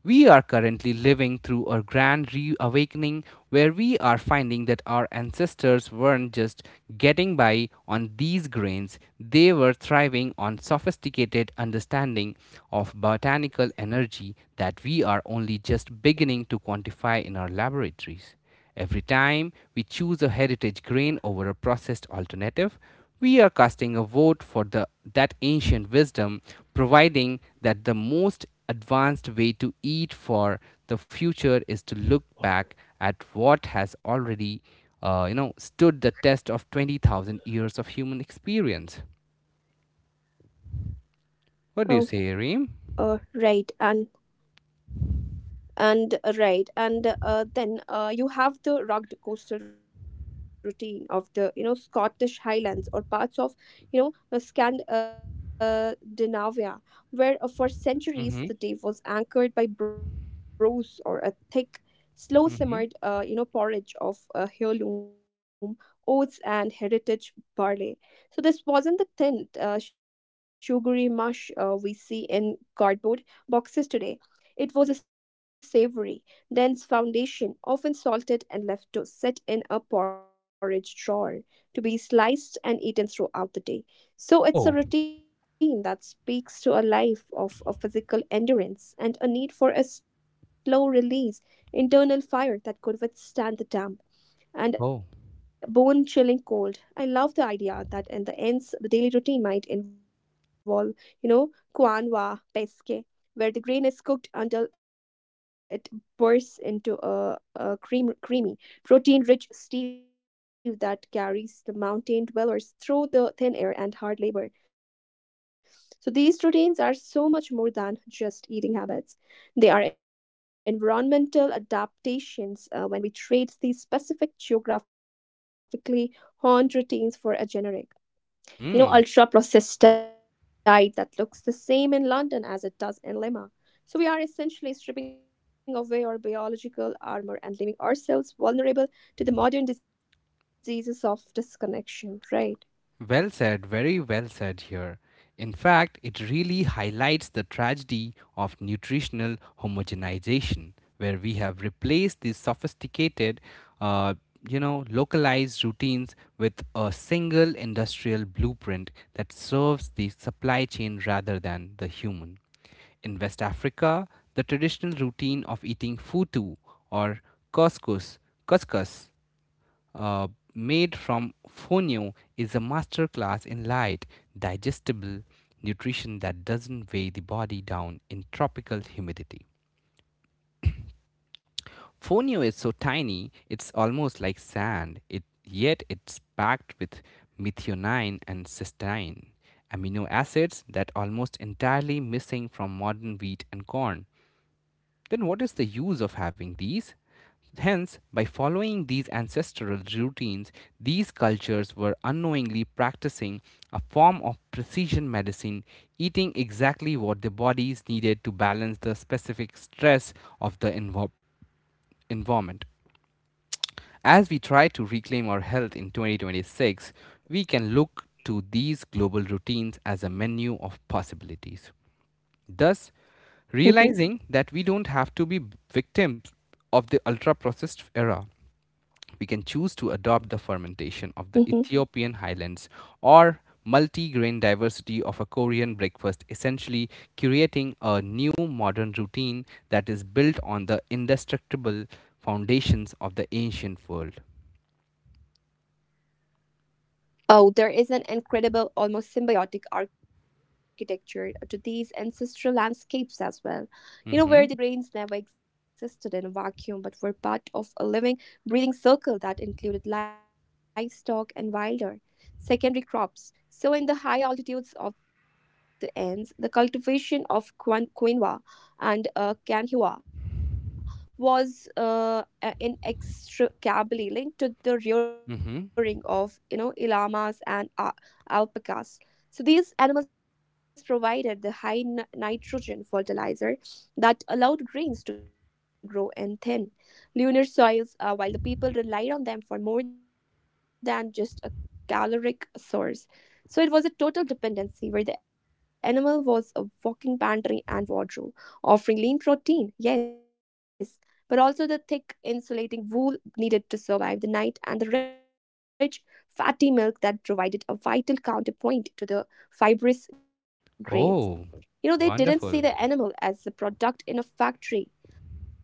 Speaker 2: We are currently living through a grand reawakening where we are finding that our ancestors weren't just getting by on these grains, they were thriving on sophisticated understanding of botanical energy that we are only just beginning to quantify in our laboratories. Every time we choose a heritage grain over a processed alternative, we are casting a vote for that ancient wisdom, providing that the most advanced way to eat for the future is to look back at what has already stood the test of 20,000 years of human experience. What do you
Speaker 1: Oh,
Speaker 2: say, Reem?
Speaker 1: right. And right and then you have the rugged coastal routine of the scottish highlands or parts of scandinavia where for
Speaker 2: Mhm.
Speaker 1: centuries the day was anchored by brose or a thick slow
Speaker 2: Mhm.
Speaker 1: simmered porridge of heirloom oats and heritage barley. So this wasn't the thin sugary mush we see in cardboard boxes today. It was a savory, dense foundation, often salted and left to sit in a porridge drawer, to be sliced and eaten throughout the day. So
Speaker 2: Oh.
Speaker 1: it's a routine that speaks to a life of a physical endurance and a need for a slow release internal fire that could withstand the damp
Speaker 2: Oh.
Speaker 1: and bone chilling cold. I love the idea that in the ends, the daily routine might involve, you know, quinoa pesque, where the grain is cooked until it bursts into a creamy, protein rich stew that carries the mountain dwellers through the thin air and hard labor. So these routines are so much more than just eating habits. They are environmental adaptations when we trade these specific geographically honed routines for a generic.
Speaker 2: Mhm.
Speaker 1: You know, ultra processed diet that looks the same in London as it does in Lima. So we are essentially stripping away our biological armor and leaving ourselves vulnerable to the modern diseases of disconnection, right?
Speaker 2: Well said, very well said here. In fact, it really highlights the tragedy of nutritional homogenization, where we have replaced these sophisticated, uh, localized routines with a single industrial blueprint that serves the supply chain rather than the human. In West Africa, the traditional routine of eating futu or couscous, couscous uh, made from fonio is a masterclass in light, digestible nutrition that doesn't weigh the body down in tropical humidity. Fonio is so tiny, it's almost like sand, it, yet it's packed with methionine and cysteine, amino acids that almost entirely missing from modern wheat and corn. Then what is the use of having these? Hence, by following these ancestral routines, these cultures were unknowingly practicing a form of precision medicine, eating exactly what their bodies needed to balance the specific stress of the environment. As we try to reclaim our health in 2026, we can look to these global routines as a menu of possibilities. Thus, realizing that we
Speaker 1: Mm-hmm.
Speaker 2: don't have to be victims of the ultra processed era. We can choose to adopt the fermentation of the
Speaker 1: Mm-hmm.
Speaker 2: Ethiopian highlands or multi grain diversity of a Korean breakfast, essentially creating a new modern routine that is built on the indestructible foundations of the ancient world.
Speaker 1: Oh, there is an incredible, almost symbiotic architecture to these ancestral landscapes as well. You know, where
Speaker 2: Mm-hmm.
Speaker 1: the grains never existed in a vacuum but were part of a living, breathing circle that included livestock and wilder secondary crops. So, in the high altitudes of the Andes, the cultivation of quinoa and canhua was inextricably linked to the
Speaker 2: Mm-hmm.
Speaker 1: rearing of you know llamas and alpacas. So these animals provided the high nitrogen fertilizer that allowed grains to grow in thin, lunar soils, while the people relied on them for more than just a caloric source. So it was a total dependency where the animal was a walking pantry and wardrobe, offering lean protein, yes, but also the thick insulating wool needed to survive the night and the rich fatty milk that provided a vital counterpoint to the fibrous grains.
Speaker 2: Oh,
Speaker 1: You know, they didn't see the
Speaker 2: wonderful.
Speaker 1: animal as a product in a factory,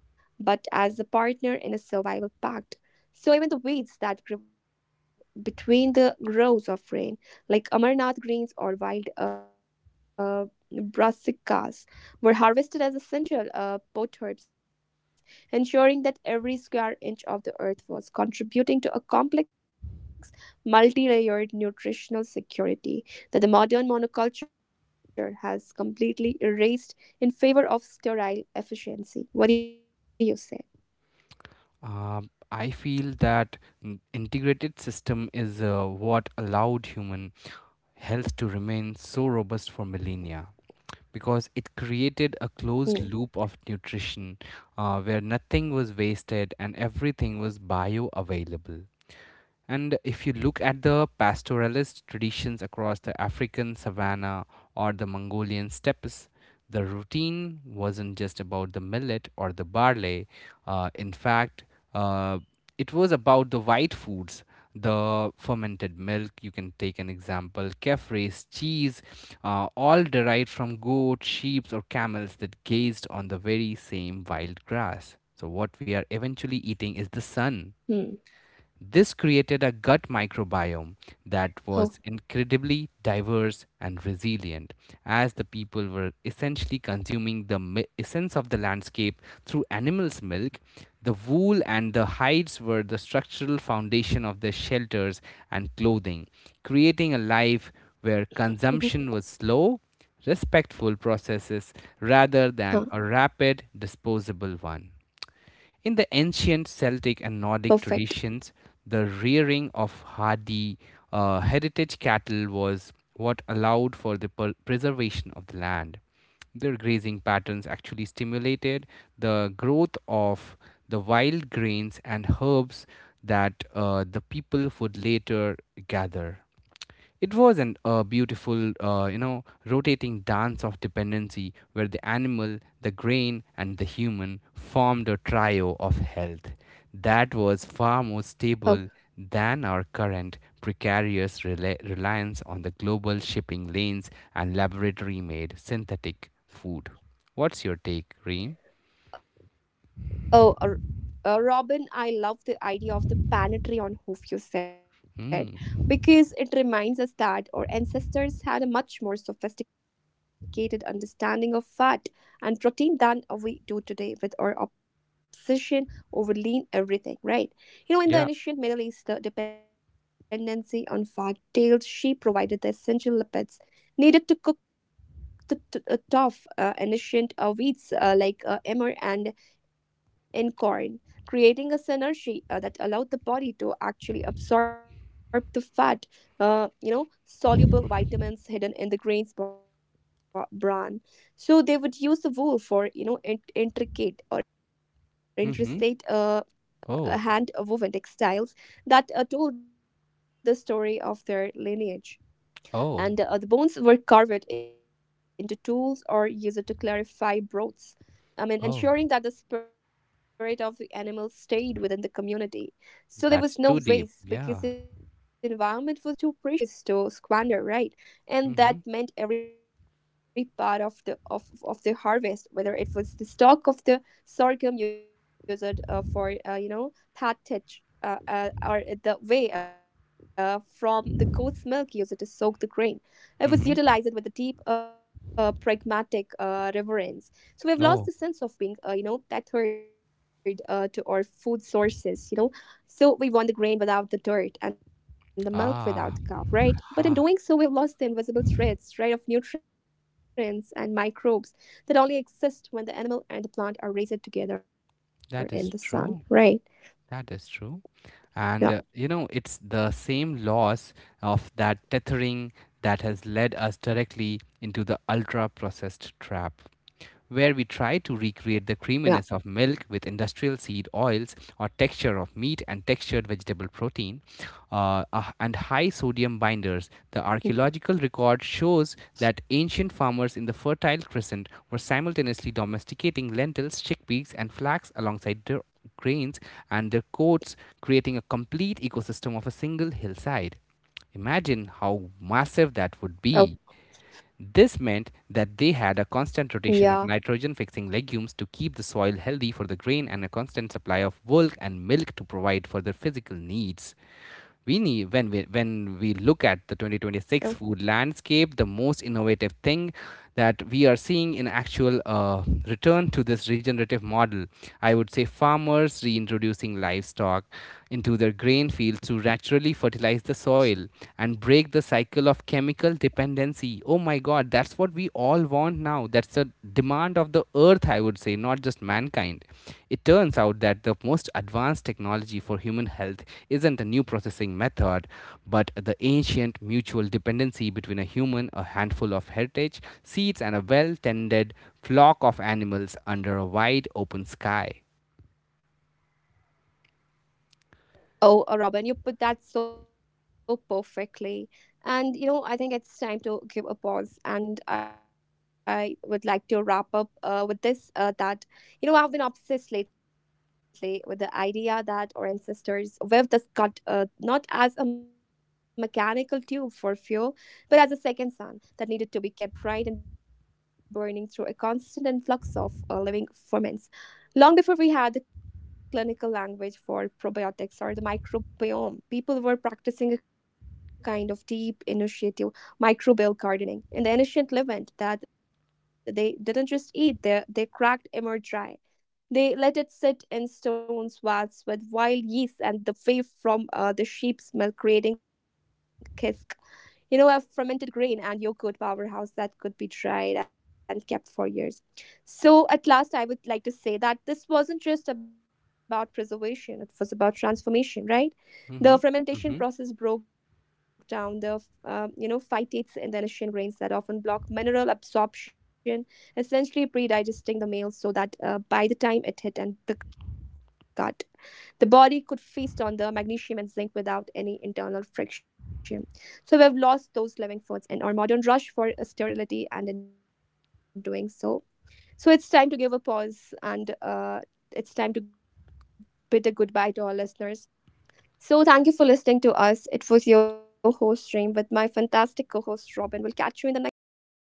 Speaker 1: but as a partner in a survival pact. So even the weeds that grew between the rows of rain, like Amarnath greens or wild brassicas, were harvested as essential pot herbs, ensuring that every square inch of the earth was contributing to a complex, multi-layered nutritional security that the modern monoculture has completely erased in favor of sterile efficiency. What do you say?
Speaker 2: Uh, I feel that integrated system is what allowed human health to remain so robust for millennia because it created a closed loop of
Speaker 1: Hmm.
Speaker 2: nutrition where nothing was wasted and everything was bioavailable. And if you look at the pastoralist traditions across the African savanna or the Mongolian steppes, the routine wasn't just about the millet or the barley. In fact, uh, it was about the white foods, the fermented milk. You can take an example, kefres, cheese, all derived from goats, sheep, or camels that grazed on the very same wild grass. So, what we are eventually eating is the sun.
Speaker 1: Hmm.
Speaker 2: This created a gut microbiome that
Speaker 1: Oh.
Speaker 2: was incredibly diverse and resilient, as the people were essentially consuming the essence of the landscape through animals' milk. The wool and the hides were the structural foundation of their shelters and clothing, creating a life where consumption was
Speaker 1: Mhm.
Speaker 2: slow, respectful processes rather than a
Speaker 1: Huh.
Speaker 2: rapid, disposable one. In the ancient Celtic and Nordic traditions,
Speaker 1: Perfect.
Speaker 2: the rearing of hardy heritage cattle was what allowed for the preservation of the land. Their grazing patterns actually stimulated the growth of the wild grains and herbs that the people would later gather. It wasn't a beautiful, rotating dance of dependency where the animal, the grain, and the human formed a trio of health that was far more stable than our
Speaker 1: Oh.
Speaker 2: current precarious reliance on the global shipping lanes and laboratory made synthetic food. What's your take, Reem?
Speaker 1: Oh, Robin, I love the idea of the planetary on hoof you
Speaker 2: Hmm.
Speaker 1: said, because it reminds us that our ancestors had a much more sophisticated understanding of fat and protein than we do today with our obsession over lean everything, right? You
Speaker 2: Yeah.
Speaker 1: know, in the ancient Middle East, the dependency on fat-tailed sheep provided the essential lipids needed to cook the tough ancient wheats like emmer and in corn, creating a synergy that allowed the body to actually absorb the fat, soluble vitamins hidden in the grains bran. So they would use the wool for, you know,
Speaker 2: Mm-hmm.
Speaker 1: intricate
Speaker 2: Oh.
Speaker 1: hand woven textiles that told the story of their lineage.
Speaker 2: Oh.
Speaker 1: And the bones were carved into tools or used to clarify broths. I
Speaker 2: Oh.
Speaker 1: mean, ensuring that the spirit of the animal stayed within the community.
Speaker 2: That's
Speaker 1: So there
Speaker 2: too
Speaker 1: was
Speaker 2: deep.
Speaker 1: no
Speaker 2: Yeah.
Speaker 1: waste because the environment was too precious to squander, right?
Speaker 2: Mm-hmm.
Speaker 1: And that meant every part of the of the harvest, whether it was the stalk of the sorghum used for thatch, or the whey from the goat's milk used to soak the grain, it
Speaker 2: Mm-hmm.
Speaker 1: was utilized with a deep pragmatic reverence. So we've
Speaker 2: Oh.
Speaker 1: lost the sense of being that third to our food sources, you know, so we want the grain without the dirt and the milk without
Speaker 2: Ah,
Speaker 1: the cow, right? But
Speaker 2: ah,
Speaker 1: in doing so we've lost the invisible threads, right, of nutrients and microbes that only exist when the animal and the plant are raised together
Speaker 2: that
Speaker 1: in
Speaker 2: is
Speaker 1: the sun,
Speaker 2: true.
Speaker 1: right?
Speaker 2: That is true. And it's
Speaker 1: Yeah,
Speaker 2: the same loss of that tethering that has led us directly into the ultra processed trap, where we try to recreate the creaminess of milk with
Speaker 1: yeah.
Speaker 2: industrial seed oils or texture of meat and textured vegetable protein and high sodium binders. The
Speaker 1: Mm.
Speaker 2: archaeological record shows that ancient farmers in the Fertile Crescent were simultaneously domesticating lentils, chickpeas, and flax alongside their grains and their coats, creating a complete ecosystem of a single hillside. Imagine how massive that would be.
Speaker 1: Oh,
Speaker 2: This meant that they had a constant rotation of
Speaker 1: yeah.
Speaker 2: nitrogen fixing legumes to keep the soil healthy for the grain and a constant supply of wool and milk to provide for their physical needs. We need when we look at the 2026
Speaker 1: Oh,
Speaker 2: food landscape, the most innovative thing that we are seeing in actual return to this regenerative model, I would say farmers reintroducing livestock into their grain fields to naturally fertilize the soil and break the cycle of chemical dependency. Oh my god, that's what we all want now. That's the demand of the earth, I would say, not just mankind. It turns out that the most advanced technology for human health isn't a new processing method, but the ancient mutual dependency between a human, a handful of heritage seeds, and a well tended flock of animals under a wide open sky.
Speaker 1: Oh, Robin, you put that so perfectly. And you know, I think it's time to give a pause. And I would like to wrap up with this that, you know, I've been obsessed lately with the idea that our ancestors weaved the cut not as a mechanical tube for fuel, but as a second sun that needed to be kept bright and burning through a constant influx of living ferments long before we had the clinical language for probiotics or the microbial Bayonne, people were practicing a kind of deep, initiative microbial gardening. In the ancient Levant, that they didn't just eat, they cracked emmer dry. They let it sit in stone vats with wild yeast and the whey from the sheep's milk, creating kisk. You know, a fermented grain and yogurt powerhouse that could be dried and kept for years. So, at last, I would like to say that this wasn't just about preservation, it was about transformation, right?
Speaker 2: Hmm.
Speaker 1: The
Speaker 2: Hmm.
Speaker 1: fermentation process broke down the phytates in the initial grains that often block mineral absorption, essentially pre-digesting the meal so that by the time it hit and the gut, the body could feast on the magnesium and zinc without any internal friction. So we've lost those living foods in our modern rush for sterility, and in doing so, so it's time to give a pause and it's time to bid a goodbye to our listeners. So, thank you for listening to us. It was your host, Reem, with my fantastic co host, Robin. We'll catch you in the next